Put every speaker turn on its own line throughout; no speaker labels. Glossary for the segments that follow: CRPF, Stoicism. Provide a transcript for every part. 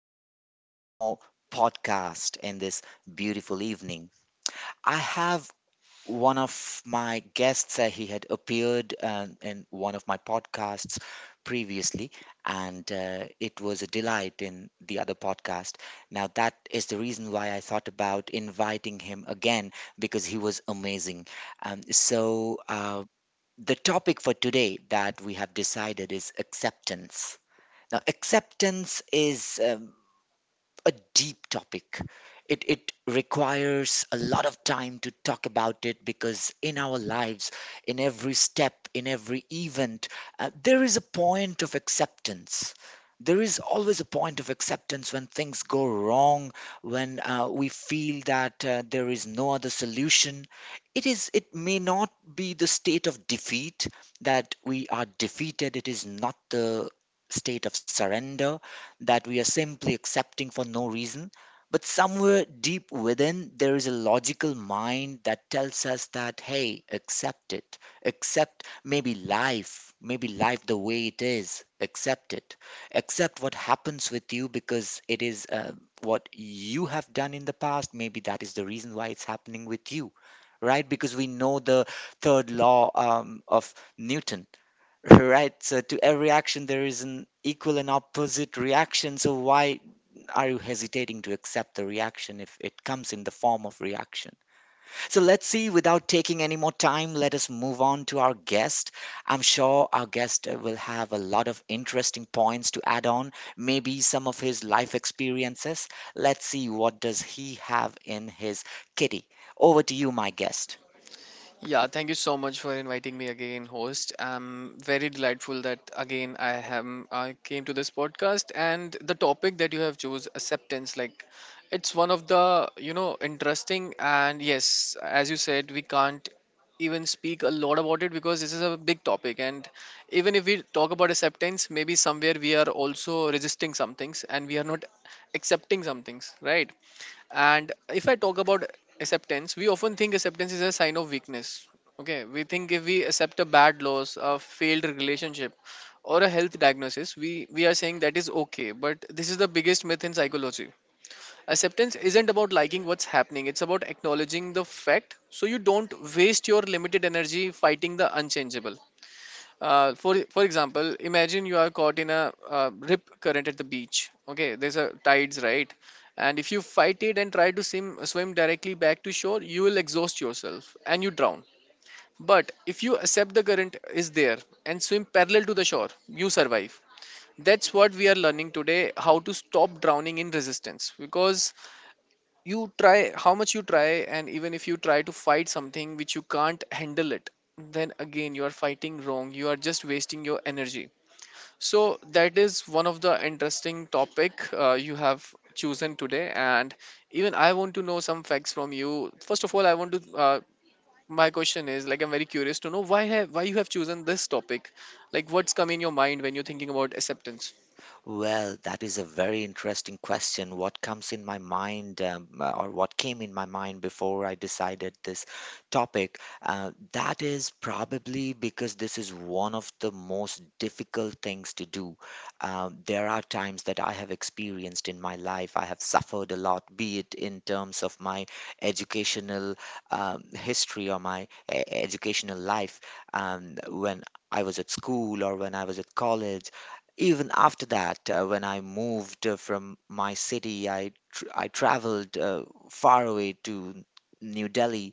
and welcome to one more podcast in this beautiful evening. I have one of my guests, he had appeared in one of my podcasts previously, and it was a delight in the other podcast. Now, that is the reason why I thought about inviting him again because he was amazing. So, the topic for today that we have decided is acceptance. Now, acceptance is a deep topic. It requires a lot of time to talk about it because in our lives, in every step, in every event, there is a point of acceptance. There is always a point of acceptance when things go wrong, when we feel that there is no other solution. It is. It may not be the state of defeat that we are defeated. It is not the state of surrender that we are simply accepting for no reason. But somewhere deep within, there is a logical mind that tells us that, hey, accept it. Accept maybe life the way it is. Accept it. Accept what happens with you because it is what you have done in the past. Maybe that is the reason why it's happening with you, right? Because we know the third law of Newton. Right. So to every action, there is an equal and opposite reaction. So why are you hesitating to accept the reaction if it comes in the form of reaction? So let's see, without taking any more time, let us move on to our guest. I'm sure our guest will have a lot of interesting points to add on, maybe some of his life experiences. Let's see what does he have in his kitty. Over to you, my guest.
Yeah, thank you so much for inviting me again, host. I'm very delightful that again I came to this podcast and the topic that you have chose acceptance, like it's one of the interesting, and yes, as you said, we can't even speak a lot about it because this is a big topic. And even if we talk about acceptance, maybe somewhere we are also resisting some things and we are not accepting some things, right? And if I talk about acceptance, we often think acceptance is a sign of weakness. Okay, we think if we accept a bad loss, a failed relationship, or a health diagnosis, we are saying that is okay. But this is the biggest myth in psychology. Acceptance isn't about liking what's happening, it's about acknowledging the fact so you don't waste your limited energy fighting the unchangeable. For example, imagine you are caught in a rip current at the beach. Okay, there's a tides, right? And if you fight it and try to swim directly back to shore, you will exhaust yourself and you drown. But if you accept the current is there and swim parallel to the shore, you survive. That's what we are learning today, how to stop drowning in resistance, because you try, how much you try, and even if you try to fight something which you can't handle it, then again you are fighting wrong, you are just wasting your energy. So that is one of the interesting topic you have chosen today, and even I want to know some facts from you. First of all, I want to. My question is, like, I'm very curious to know why you have chosen this topic, like what's come in your mind when you're thinking about acceptance.
Well, that is a very interesting question. What comes in my mind, or what came in my mind before I decided this topic? That is probably because this is one of the most difficult things to do. There are times that I have experienced in my life, I have suffered a lot, be it in terms of my educational history, or my educational life when I was at school or when I was at college, even after that, when I moved from my city, I traveled far away to New Delhi.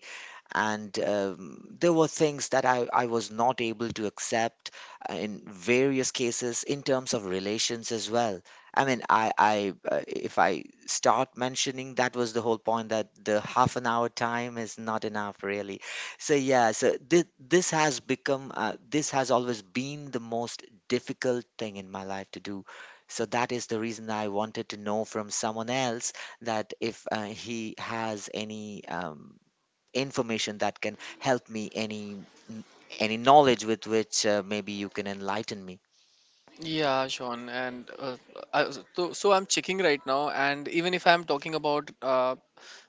And there were things that I was not able to accept in various cases, in terms of relations as well. I mean, I if I start mentioning, that was the whole point, that the half an hour time is not enough really. So yeah, so this has always been the most difficult thing in my life to do. So that is the reason I wanted to know from someone else that if he has any information that can help me, n- any knowledge with which maybe you can enlighten me.
Yeah, Sean, and I, so I'm checking right now. And even if I'm talking about,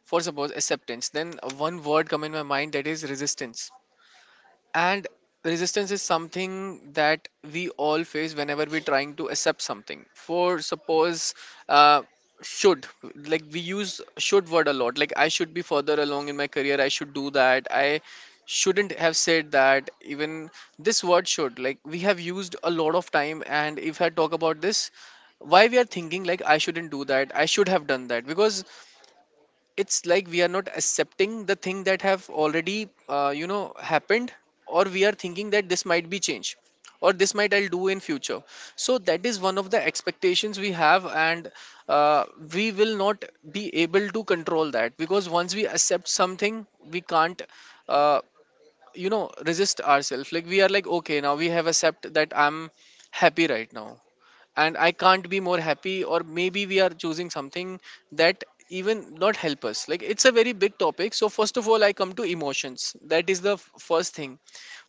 for suppose, acceptance, then one word come in my mind, that is resistance. And resistance is something that we all face whenever we're trying to accept something. For suppose, uh, should, like, we use should word a lot. Like, I should be further along in my career. I should do that. I shouldn't have said that. Even this word should, like, we have used a lot of time. And if I talk about this, why we are thinking like I shouldn't do that, I should have done that, because it's like we are not accepting the thing that have already happened, or we are thinking that this might be changed or this might I'll do in future. So that is one of the expectations we have, and uh, we will not be able to control that, because once we accept something, we can't uh, resist ourselves. Like, we are like, okay, now we have accept that I'm happy right now, and I can't be more happy, or maybe we are choosing something that even not help us. Like, it's a very big topic. So first of all, I come to emotions, that is the first thing.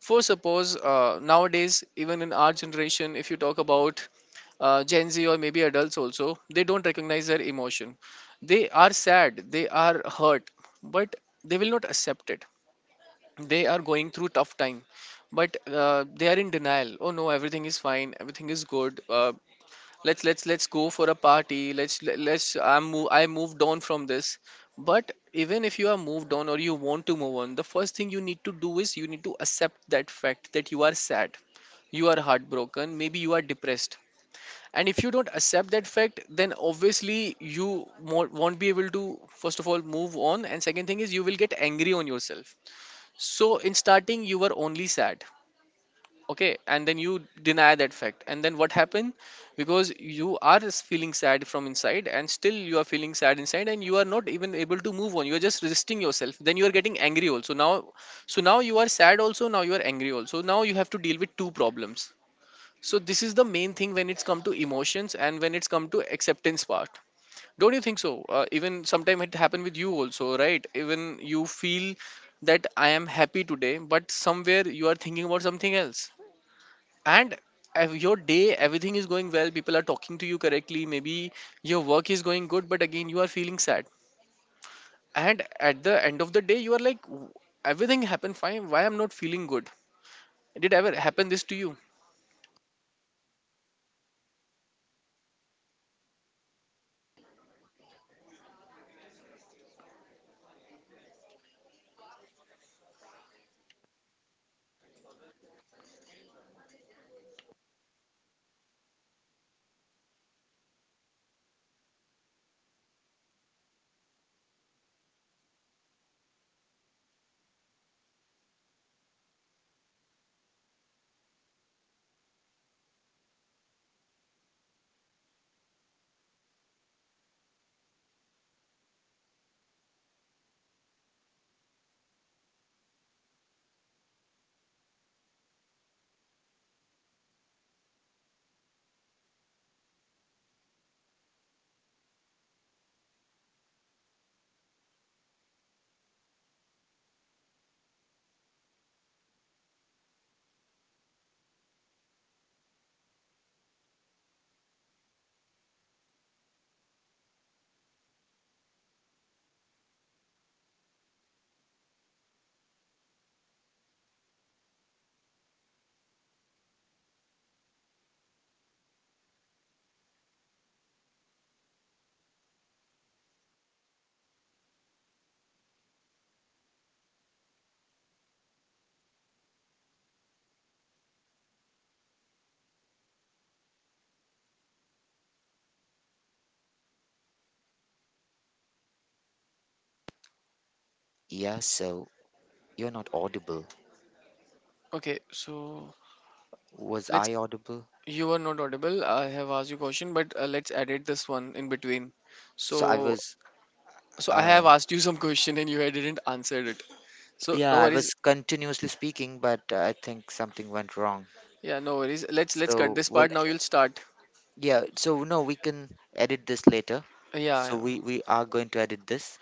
For suppose, nowadays, even in our generation, if you talk about, Gen Z or maybe adults also, they don't recognize their emotion. They are sad, they are hurt, but they will not accept it. They are going through tough time, but they are in denial. Oh no, everything is fine, everything is good, let's go for a party, let's, I moved on from this. But even if you are moved on or you want to move on, the first thing you need to do is you need to accept that fact, that you are sad, you are heartbroken, maybe you are depressed. And if you don't accept that fact, then obviously you won't be able to, first of all, move on, and second thing is, you will get angry on yourself. So in starting, you were only sad, okay, and then you deny that fact, and then what happened? Because you are feeling sad from inside, and still you are feeling sad inside, and you are not even able to move on, you are just resisting yourself, then you are getting angry also now. So now you are sad also, now you are angry also, now you have to deal with two problems. So this is the main thing when it's come to emotions and when it's come to acceptance part. Don't you think so? Even sometime it happened with you also, right? Even you feel that I am happy today, but somewhere you are thinking about something else, and your day, everything is going well, people are talking to you correctly, maybe your work is going good, but again you are feeling sad, and at the end of the day you are like, everything happened fine, why I'm not feeling good? Did ever happen this to you?
Yeah, so you're not audible.
Okay, so
Was
let's
I audible?
you are not audible, I have asked you question, but let's edit this one in between.
So I
So
was
I
uh
have asked you some question and you had didn't answer it. So
yeah,
no
I
worries.
was continuously speaking, but I think something went wrong.
Yeah, no worries, let's cut
So,
this
well,
part, now you'll start.
yeah, so no, we can edit this later.
Yeah,
So
yeah.
we are going to edit this.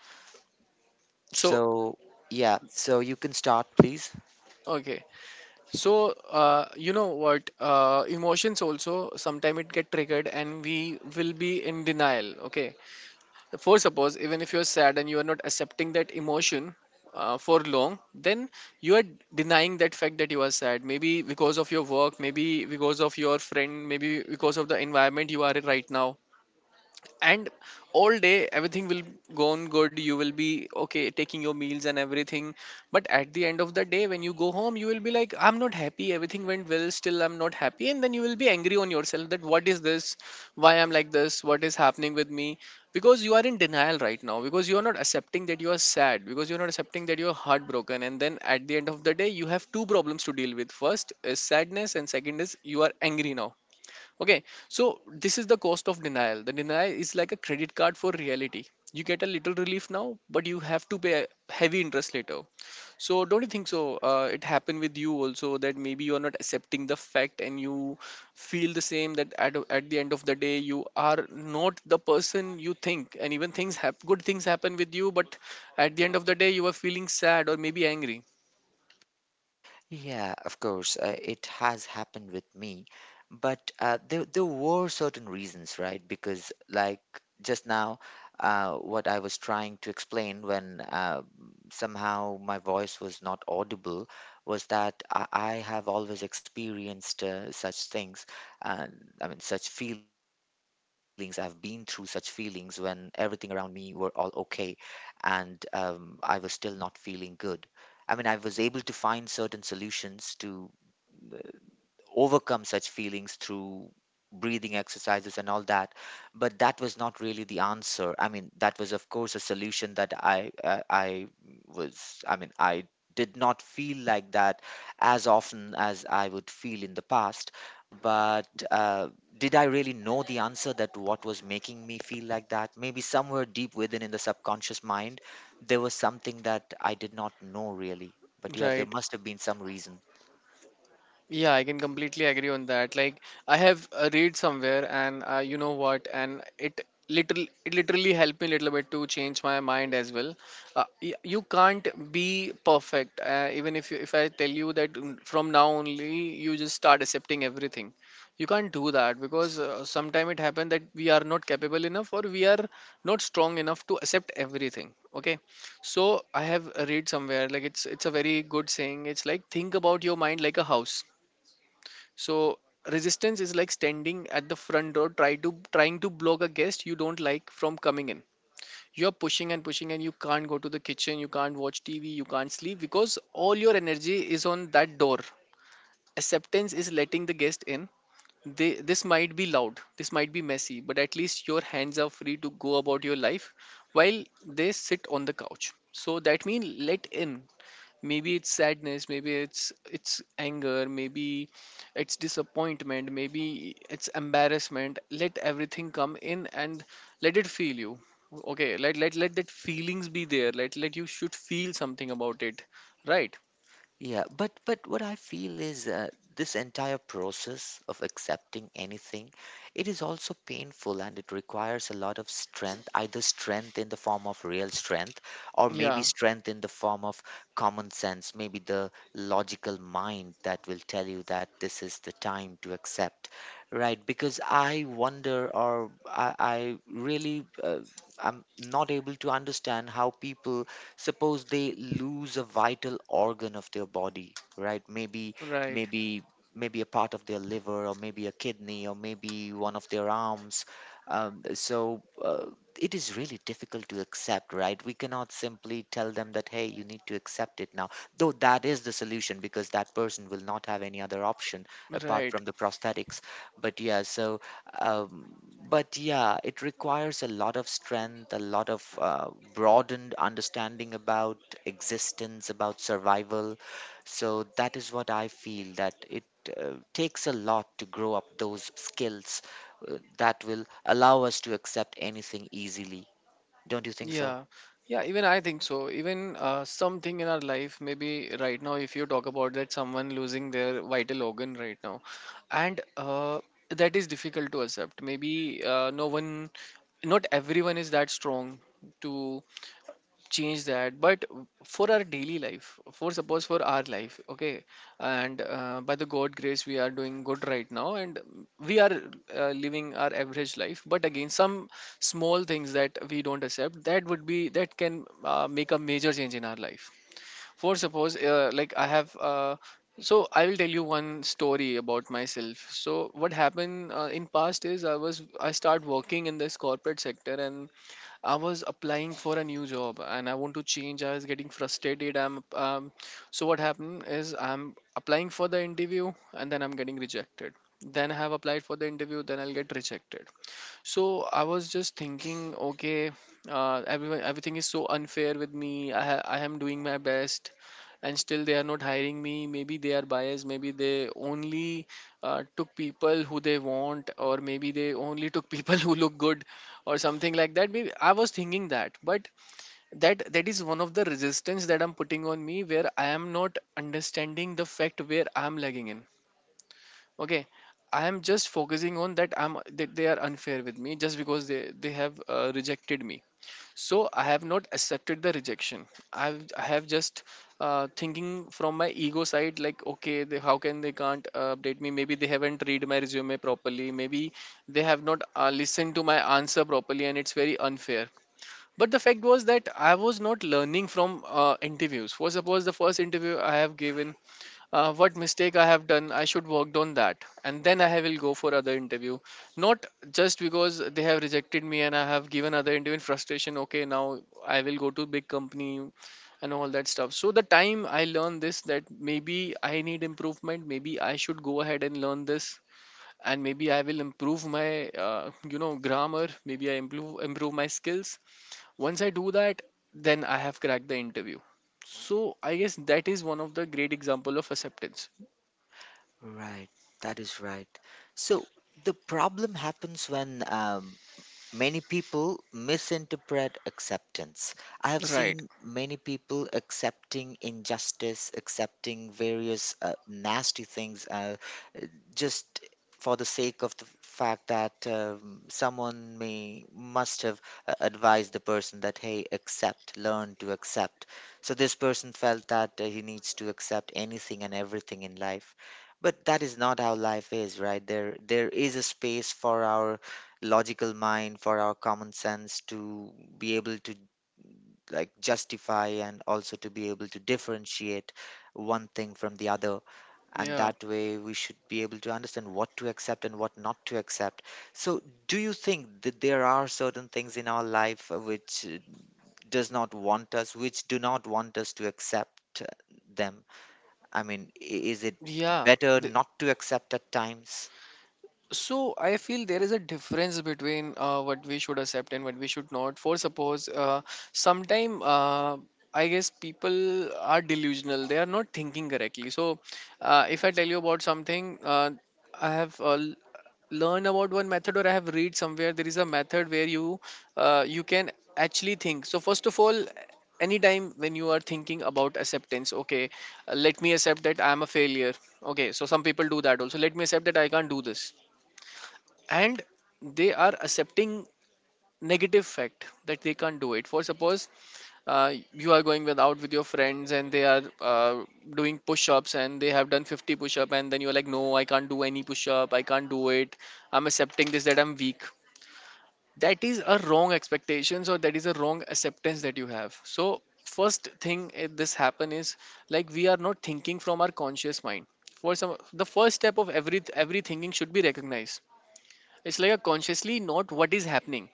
So,
So, yeah, so you can start, please.
okay, so, you know what, emotions also sometimes it get triggered and we will be in denial. Okay, for suppose, even if you're sad and you are not accepting that emotion for long, then you are denying that fact that you are sad, maybe because of your work, maybe because of your friend, maybe because of the environment you are in right now. And all day everything will go on good, you will be okay taking your meals and everything, but at the end of the day, when you go home, you will be like, I'm not happy, everything went well, still I'm not happy. And then you will be angry on yourself, that what is this, why I'm like this, what is happening with me? Because you are in denial right now, because you are not accepting that you are sad, because you're not accepting that you're heartbroken. And then at the end of the day, you have two problems to deal with. First is sadness and second is you are angry now. Okay, so this is the cost of denial. The denial is like a credit card for reality. You get a little relief now, but you have to pay heavy interest later. So don't you think so? It happened with you also, that maybe you are not accepting the fact and you feel the same, that at the end of the day, you are not the person you think, and even things have, good things happen with you, but at the end of the day, you are feeling sad or maybe angry.
Yeah, of course, it has happened with me, but there were certain reasons, right? Because, like, just now, what I was trying to explain when somehow my voice was not audible was that I have always experienced such things, uh, I mean, such feelings. I've been through such feelings when everything around me were all okay, and I was still not feeling good. I mean, I was able to find certain solutions to overcome such feelings through breathing exercises and all that. But that was not really the answer. I mean, that was of course a solution, that I mean, I did not feel like that as often as I would feel in the past. But did I really know the answer, that what was making me feel like that? Maybe somewhere deep within, in the subconscious mind, there was something that I did not know really. But yeah, there
Right.
must have been some reason.
Yeah, I can completely agree on that. Like, I have read somewhere, and you know what, and it literally helped me a little bit to change my mind as well. You can't be perfect, even if if I tell you that, from now only you just start accepting everything. You can't do that, because sometime it happened that we are not capable enough or we are not strong enough to accept everything. Okay, so I have read somewhere, like, it's a very good saying. It's like, think about your mind like a house. So resistance is like standing at the front door, trying to block a guest you don't like from coming in. You're pushing and pushing, and you can't go to the kitchen, you can't watch TV, you can't sleep, because all your energy is on that door. Acceptance is letting the guest in. This might be loud, this might be messy, but at least your hands are free to go about your life while they sit on the couch. So that means let in, maybe it's sadness, maybe it's anger, maybe it's disappointment, maybe it's embarrassment, let everything come in, and let it feel you. Okay, let that feelings be there, let you should feel something about it, right?
Yeah, but what I feel is, this entire process of accepting anything, it is also painful and it requires a lot of strength, either strength in the form of real strength or maybe
Yeah,
strength in the form of common sense, maybe the logical mind that will tell you that this is the time to accept, right? Because I wonder, or I'm not able to understand how people, suppose they lose a vital organ of their body, right? Maybe,
right,
maybe, maybe a part of their liver, or maybe a kidney, or maybe one of their arms. So, it is really difficult to accept, right? We cannot simply tell them that, hey, you need to accept it now. Though that is the solution because that person will not have any other option apart
right.
from the prosthetics. But yeah, so um, it requires a lot of strength, a lot of broadened understanding about existence, about survival. So that is what I feel, that it takes a lot to grow up those skills that will allow us to accept anything easily. Don't you think so?
Yeah, yeah, even I think so. Even something in our life, maybe right now, if you talk about that, someone losing their vital organ right now, and that is difficult to accept. Maybe no one, not everyone is that strong to change that, but for our daily life, for suppose for our life, okay, and by the god grace we are doing good right now, and we are living our average life. But again, some small things that we don't accept, that would be that can make a major change in our life. For suppose like I have so I will tell you one story about myself. So what happened in past is I start working in this corporate sector, and I was applying for a new job and I want to change. I was getting frustrated. I'm So what happened is I'm applying for the interview and then I'm getting rejected. Then I have applied for the interview, then I'll get rejected. So I was just thinking, okay, everyone, everything is so unfair with me. I am doing my best, and still they are not hiring me. Maybe they are biased. Maybe they only took people who they want, or maybe they only took people who look good, or something like that. Maybe I was thinking that, but that is one of the resistance that I'm putting on me, where I am not understanding the fact where I'm lagging in. Okay, I am just focusing on that, I'm that they are unfair with me just because they have rejected me. So I have not accepted the rejection. I have just thinking from my ego side, like, okay, they, how can they can't update me? Maybe they haven't read my resume properly. Maybe they have not listened to my answer properly, and it's very unfair. But the fact was that I was not learning from interviews. For suppose the first interview I have given, what mistake I have done, I should worked on that, and then I will go for other interview. Not just because they have rejected me and I have given other interview in frustration. Okay, now I will go to big company and all that stuff. So the time I learn this, that maybe I need improvement. Maybe I should go ahead and learn this, and maybe I will improve my you know grammar. Maybe I improve my skills. Once I do that, then I have cracked the interview. So I guess that is one of the great example of acceptance.
Right, that is right. So the problem happens when many people misinterpret acceptance. I have
Right.
seen many people accepting injustice, accepting various nasty things, just for the sake of the fact that someone may must have advised the person that, hey, accept, learn to accept. So this person felt that he needs to accept anything and everything in life. But that is not how life is, right? There is a space for our logical mind, for our common sense, to be able to, like, justify and also to be able to differentiate one thing from the other. And
Yeah.
that way we should be able to understand what to accept and what not to accept. So do you think that there are certain things in our life which do not want us to accept them? I mean, is it
Yeah.
better
Th-
not to accept at times,
So I feel there is a difference between what we should accept and what we should not. For suppose, sometime I guess people are delusional. They are not thinking correctly. So if I tell you about something, I have uh, l- learned about one method, or I have read somewhere there is a method where you you can actually think. So first of all, anytime when you are thinking about acceptance, okay, let me accept that I am a failure. Okay, so some people do that also. Let me accept that I can't do this, and they are accepting negative fact that they can't do it. For suppose you are going with, out with your friends, and they are doing push-ups and they have done 50 push-up, and then you're like, no, I can't do any push-up, I can't do it. I'm accepting this that I'm weak. That is a wrong expectations, or that is a wrong acceptance that you have. So first thing this happen is, like, we are not thinking from our conscious mind. For some, the first step of every thinking should be recognized. It's like a consciously not what is happening.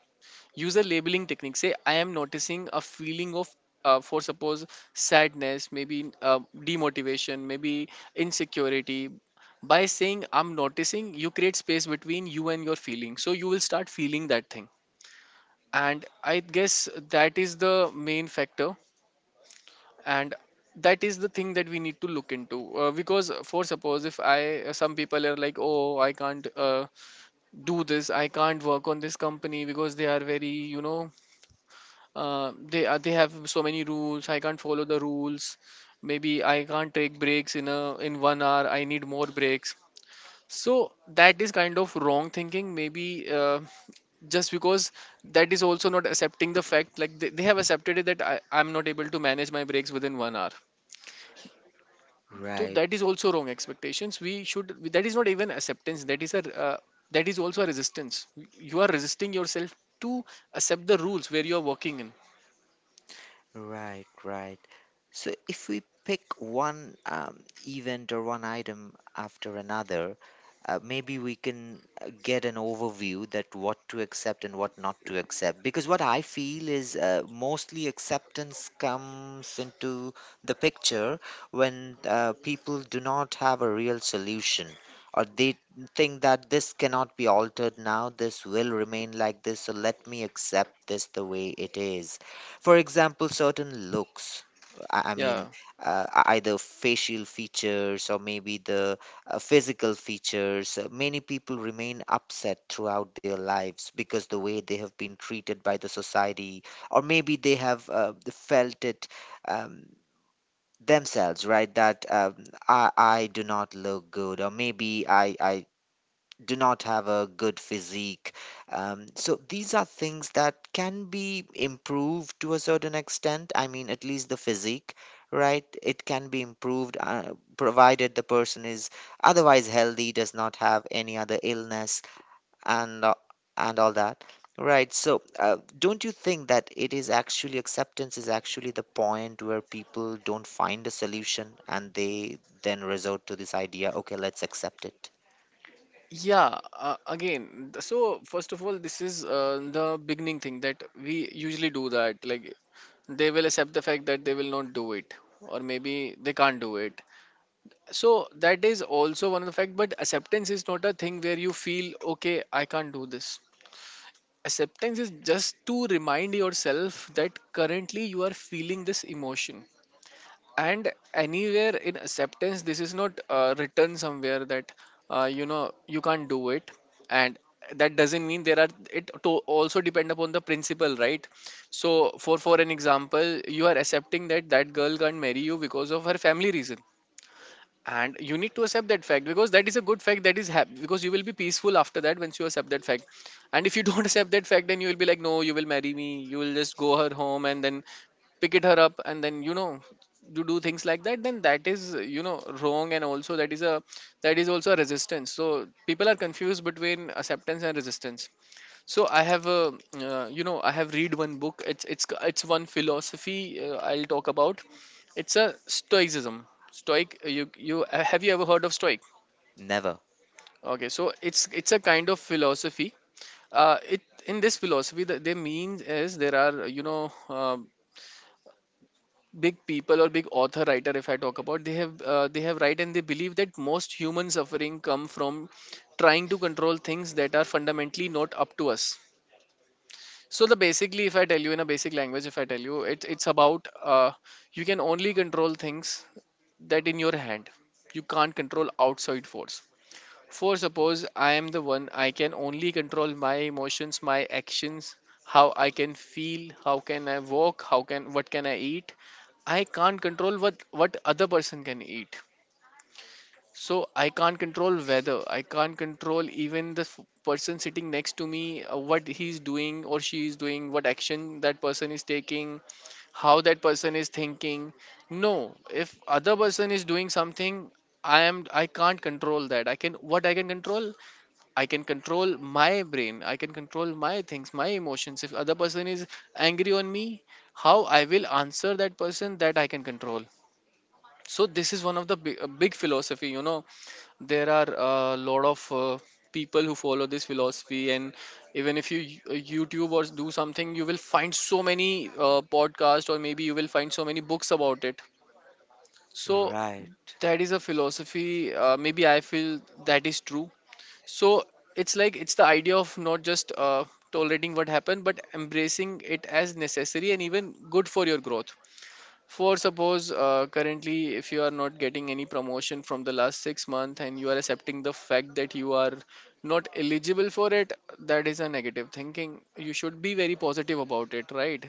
User labeling technique. Say I am noticing a feeling of, for suppose sadness, maybe demotivation, maybe insecurity. By saying I'm noticing, you create space between you and your feeling. So you will start feeling that thing. And I guess that is the main factor. And that is the thing that we need to look into because for suppose if I some people are like, oh, I can't do this, I can't work on this company because they are very, you know, they are they have so many rules, I can't follow the rules. Maybe I can't take breaks in a in 1 hour, I need more breaks. So that is kind of wrong thinking, maybe uh, just because that is also not accepting the fact, like, they have accepted it that I, I'm not able to manage my breaks within 1 hour. So
right?
that is also wrong expectations, we should, that is not even acceptance, that is a that is also a resistance. You are resisting yourself to accept the rules where you are working in.
Right, right. So if we pick one event, or one item after another, maybe we can get an overview that what to accept and what not to accept. Because what I feel is, mostly acceptance comes into the picture when people do not have a real solution. Or they think that this cannot be altered now, this will remain like this, so let me accept this the way it is. For example, certain looks. I
Yeah.
mean, either facial features or maybe the physical features. Many people remain upset throughout their lives because the way they have been treated by the society, or maybe they have felt it um, themselves, right? That I do not look good, or maybe I do not have a good physique. So these are things that can be improved to a certain extent. I mean, at least the physique, right? It can be improved, provided the person is otherwise healthy, does not have any other illness, and uh, and all that. Right. So, don't you think that it is actually acceptance is actually the point where people don't find a solution and they then resort to this idea, okay, let's accept it?
yeah uh, again so first of all, this is the beginning thing that we usually do, that, like, they will accept the fact that they will not do it, or maybe they can't do it. So that is also one of the fact, but acceptance is not a thing where you feel, okay, I can't do this. Acceptance is just to remind yourself that currently you are feeling this emotion. And anywhere in acceptance, this is not written somewhere that you know you can't do it, and that doesn't mean there are. It to also depend upon the principle, right? So, for an example, you are accepting that girl can't marry you because of her family reason, and you need to accept that fact because that is a good fact that because you will be peaceful after that once you accept that fact. And if you don't accept that fact, then you will be like, no, you will marry me, you will just go her home and then pick it her up, and then, you know, you do things like that, then that is, you know, wrong. And also that is a that is also a resistance. So people are confused between acceptance and resistance. So you know, I have read one book. It's one philosophy I'll talk about. It's a Stoicism. Stoic. You have you ever heard of Stoic?
Never.
Okay, so it's a kind of philosophy. It In this philosophy that they mean is there are, you know, big people or big author writer, if I talk about, they have right, and they believe that most human suffering come from trying to control things that are fundamentally not up to us. So the basically, if I tell you in a basic language, if I tell you, it's about you can only control things that in your hand. You can't control outside force. For suppose I am the one, I can only control my emotions, my actions, how I can feel, how can I walk, how can what can I eat. I can't control what other person can eat. So I can't control weather. I can't control even the person sitting next to me, what he's doing or she is doing, what action that person is taking, how that person is thinking. No, if other person is doing something, I can't control that. I can what I can control? I can control my brain. I can control my things, my emotions. If other person is angry on me, how I will answer that person that I can control. So this is one of the big philosophy, you know, there are a lot of people who follow this philosophy, and even if you youtube or do something, you will find so many podcasts, or maybe you will find so many books about it. So
Right.
that is a philosophy, maybe I feel that is true. So it's like it's the idea of not just tolerating what happened, but embracing it as necessary and even good for your growth. For suppose currently, if you are not getting any promotion from the last 6 months, and you are accepting the fact that you are not eligible for it, that is a negative thinking. You should be very positive about it, right?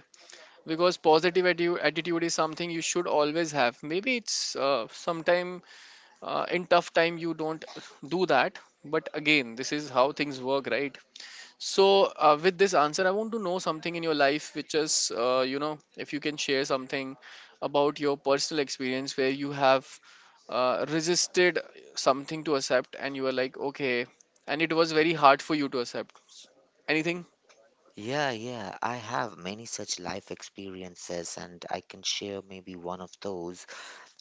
Because attitude is something you should always have. Maybe it's sometime in tough time you don't do that, but again, this is how things work, right? So, with this answer, I want to know something in your life, which is, you know, if you can share something about your personal experience where you have resisted something to accept, and you were like, okay, and it was very hard for you to accept. Anything?
Yeah, yeah. I have many such life experiences, and I can share maybe one of those.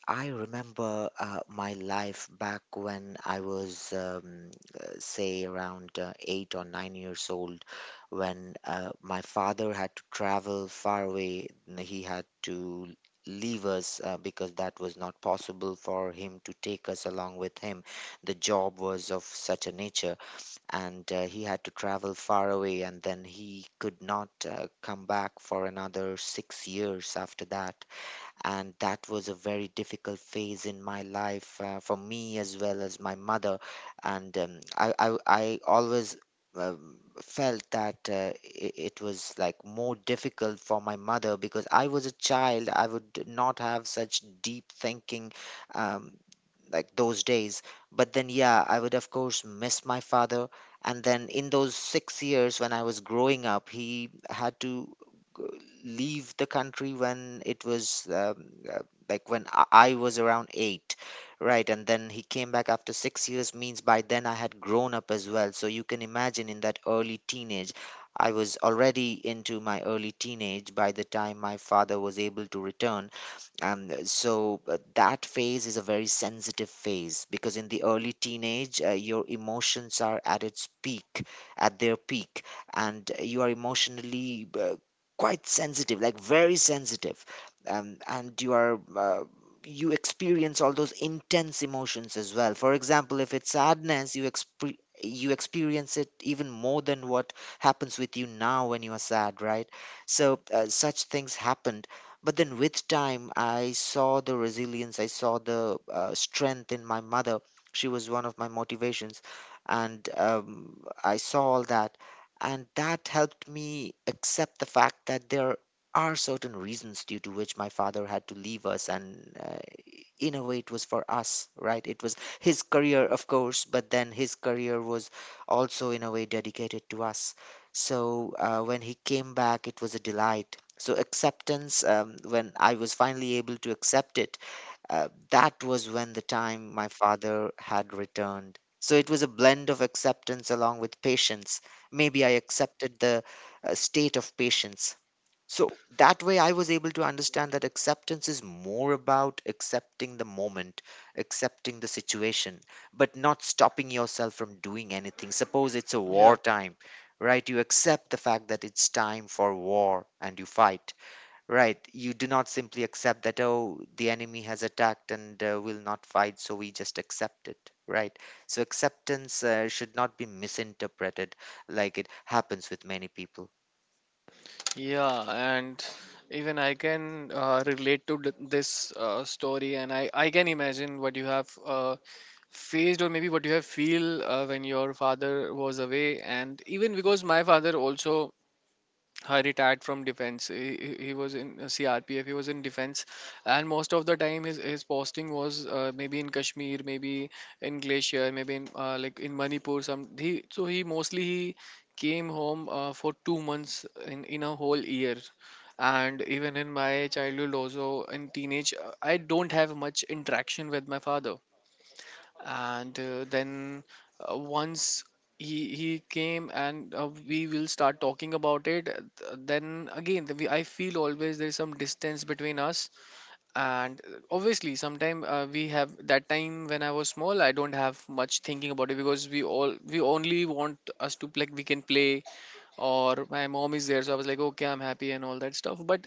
I remember my life back when I was, say, around 8 or 9 years old, when my father had to travel far away. He had to leave us because that was not possible for him to take us along with him. The job was of such a nature, and he had to travel far away, and then he could not come back for another 6 years after that. And that was a very difficult phase in my life, for me as well as my mother. And I always felt that it was like more difficult for my mother, because I was a child. I would not have such deep thinking um, like those days. But then, yeah, I would, of course, miss my father. And then, in those 6 years when I was growing up, he had to g- leave the country when it was uh, like when I was around 8, right? And then he came back after 6 years, means by then I had grown up as well. So you can imagine in that early teenage, I was already into my early teenage by the time my father was able to return, and that phase is a very sensitive phase because in the early teenage, your emotions are at its peak, at their peak, and you are emotionally quite sensitive, like very sensitive. And you are, you experience all those intense emotions as well. For example, if it's sadness, you experience it even more than what happens with you now when you are sad, right? Such things happen, but then with time, I saw the resilience, I saw the strength in my mother. She was one of my motivations. And I saw all that. And that helped me accept the fact that there are certain reasons due to which my father had to leave us. And in a way, it was for us, right? It was his career, of course, but then his career was also, in a way, dedicated to us. When he came back, it was a delight. So acceptance, when I was finally able to accept it, that was when the time my father had returned. So it was a blend of acceptance along with patience. Maybe I accepted the state of patience. So that way, I was able to understand that acceptance is more about accepting the moment, accepting the situation, but not stopping yourself from doing anything. Suppose it's a
Yeah,
wartime, right? You accept the fact that it's time for war and you fight. Right. You do not simply accept that, oh, the enemy has attacked and will not fight, so we just accept it. Right. So acceptance should not be misinterpreted like it happens with many people.
yeah, and even I can relate to this story, and I can imagine what you have faced, or maybe what you have feel when your father was away. And even because my father also retired from defense. He was in CRPF. He was in defense, and most of the time his posting was maybe in Kashmir, maybe in Glacier, maybe in Manipur. Some he so he mostly he came home for 2 months in a whole year. And even in my childhood, also in teenage, I don't have much interaction with my father and then once he came and we will start talking about it. Then again I feel always there is some distance between us and obviously sometime we have that time. When I was small, I don't have much thinking about it, because we only want us to, like, we can play or my mom is there, so I was like, okay, I'm happy and all that stuff. But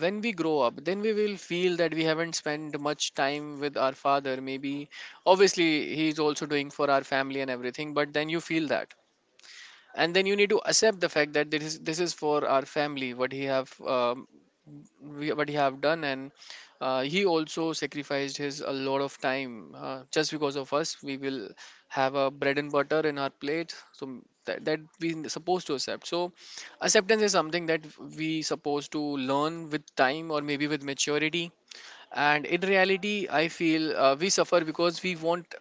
when we grow up, then we will feel that we haven't spent much time with our father. Maybe obviously he's also doing for our family and everything, but then you feel that, and then you need to accept the fact that this is for our family what he have what he have done. And he also sacrificed his a lot of time just because of us we will have a bread and butter in our plate. So that we supposed to accept. So acceptance is something that we supposed to learn with time, or maybe with maturity. And in reality, I feel we suffer because we want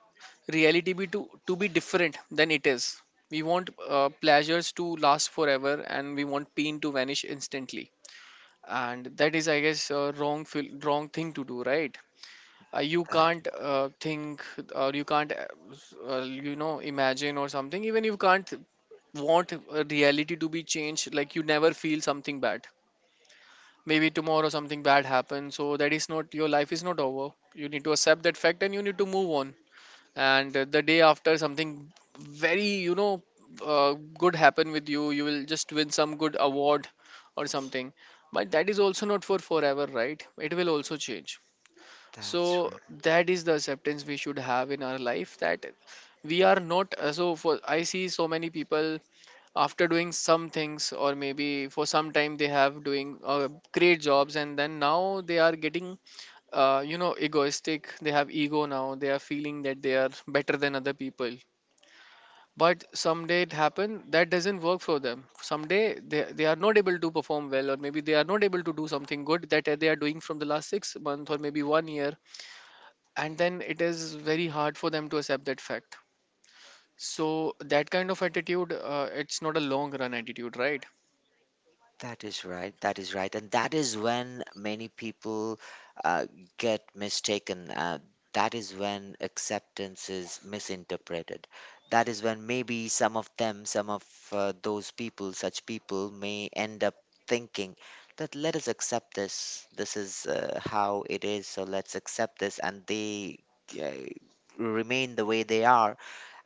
reality to be different than it is. We want pleasures to last forever, and we want pain to vanish instantly. And that is, I guess, a wrong thing to do, right? You
That,
can't think, or you can't, you know, imagine or something. Even you can't want a reality to be changed, like you never feel something bad. Maybe tomorrow something bad happens, so that is not, your life is not over. You need to accept that fact, and you need to move on. And the day after, something very, you know, good happen with you, you will just win some good award or something. But that is also not for forever, right? It will also change. So
that's
that is the acceptance we should have in our life, that we are not so. For I see so many people, after doing some things or maybe for some time they have doing great jobs, and then now they are getting, you know, egoistic. They have ego, now they are feeling that they are better than other people. But someday it happened that doesn't work for them. Someday they are not able to perform well, or maybe they are not able to do something good that they are doing from the last 6 months or maybe one year. And then it is very hard for them to accept that fact. So that kind of attitude, it's not a long run attitude, right?
That is right. That is right. And that is when many people uh, get mistaken. That is when acceptance is misinterpreted. That is when maybe some of those people, such people may end up thinking that let us accept this. This is how it is. So let's accept this. And they uh, remain the way they are,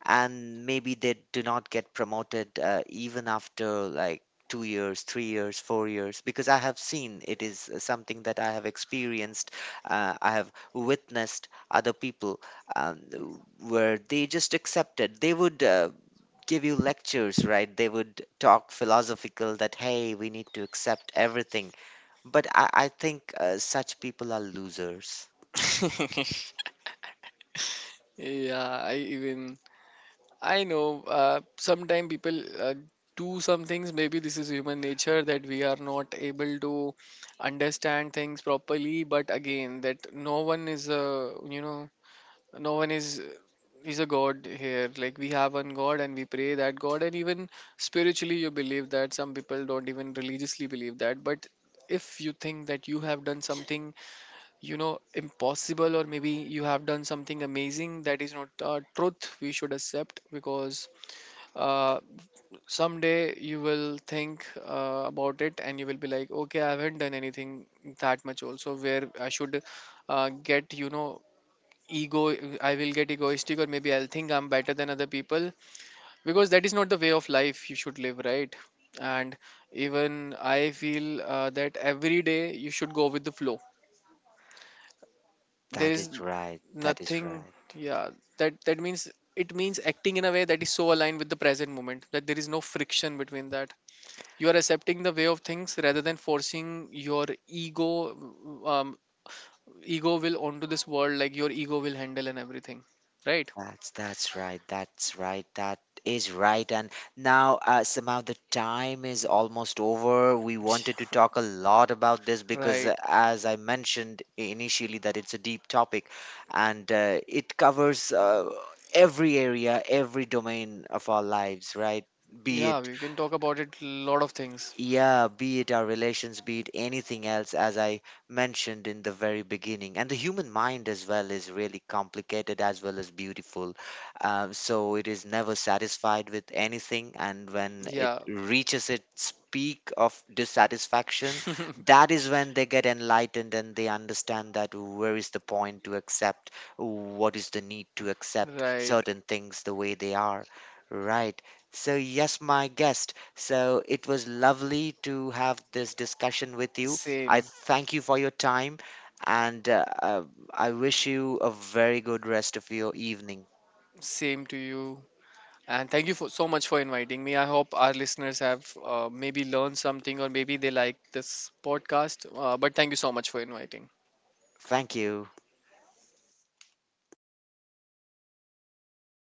and maybe they do not get promoted even after like 2 years, 3 years, 4 years, because I have seen it is something that I have experienced. I have witnessed other people um, w- where they just accepted. They would give you lectures, right? They would talk philosophical that, hey, we need to accept everything. But I think such people are losers.
Yeah, I even, I know sometimes people do some things. Maybe this is human nature, that we are not able to understand things properly. But again, that no one is a you know no one is a god here. Like, we have one god and we pray that god. And even spiritually, you believe that. Some people don't even religiously believe that. But if you think that you have done something, you know, impossible, or maybe you have done something amazing, that is not truth. We should accept, because uh, someday you will think about it, and you will be like, okay, I haven't done anything that much also, where I should get, you know, ego. I will get egoistic, or maybe I'll think I'm better than other people, because that is not the way of life you should live, right? And even I feel that every day you should go with the flow. There
That
is
is right. That is
nothing.
right.
Yeah. That, that means, it means acting in a way that is so aligned with the present moment that there is no friction between that. You are accepting the way of things rather than forcing your ego, um, ego will, onto this world. Like, your ego will handle and everything, right?
That's right. That's right. That is right. And now, somehow the time is almost over. We wanted to talk a lot about this because,
Right.
as I mentioned initially, that it's a deep topic, and it covers every area, every domain of our lives, right? Be
Yeah,
it,
we can talk about it lot of things.
yeah, be it our relations, be it anything else, as I mentioned in the very beginning. And the human mind as well is really complicated as well as beautiful. So it is never satisfied with anything. And when it
Yeah.
reaches its peak of dissatisfaction, that is when they get enlightened and they understand that where is the point to accept, what is the need to accept
Right.
certain things the way they are. Right. So, yes, my guest. So it was lovely to have this discussion with you. I
Same.
thank you for your time, and I wish you a very good rest of your evening.
Same to you. And thank you for so much for inviting me. I hope our listeners have maybe learned something, or maybe they like this podcast. But thank you so much for inviting.
Thank you.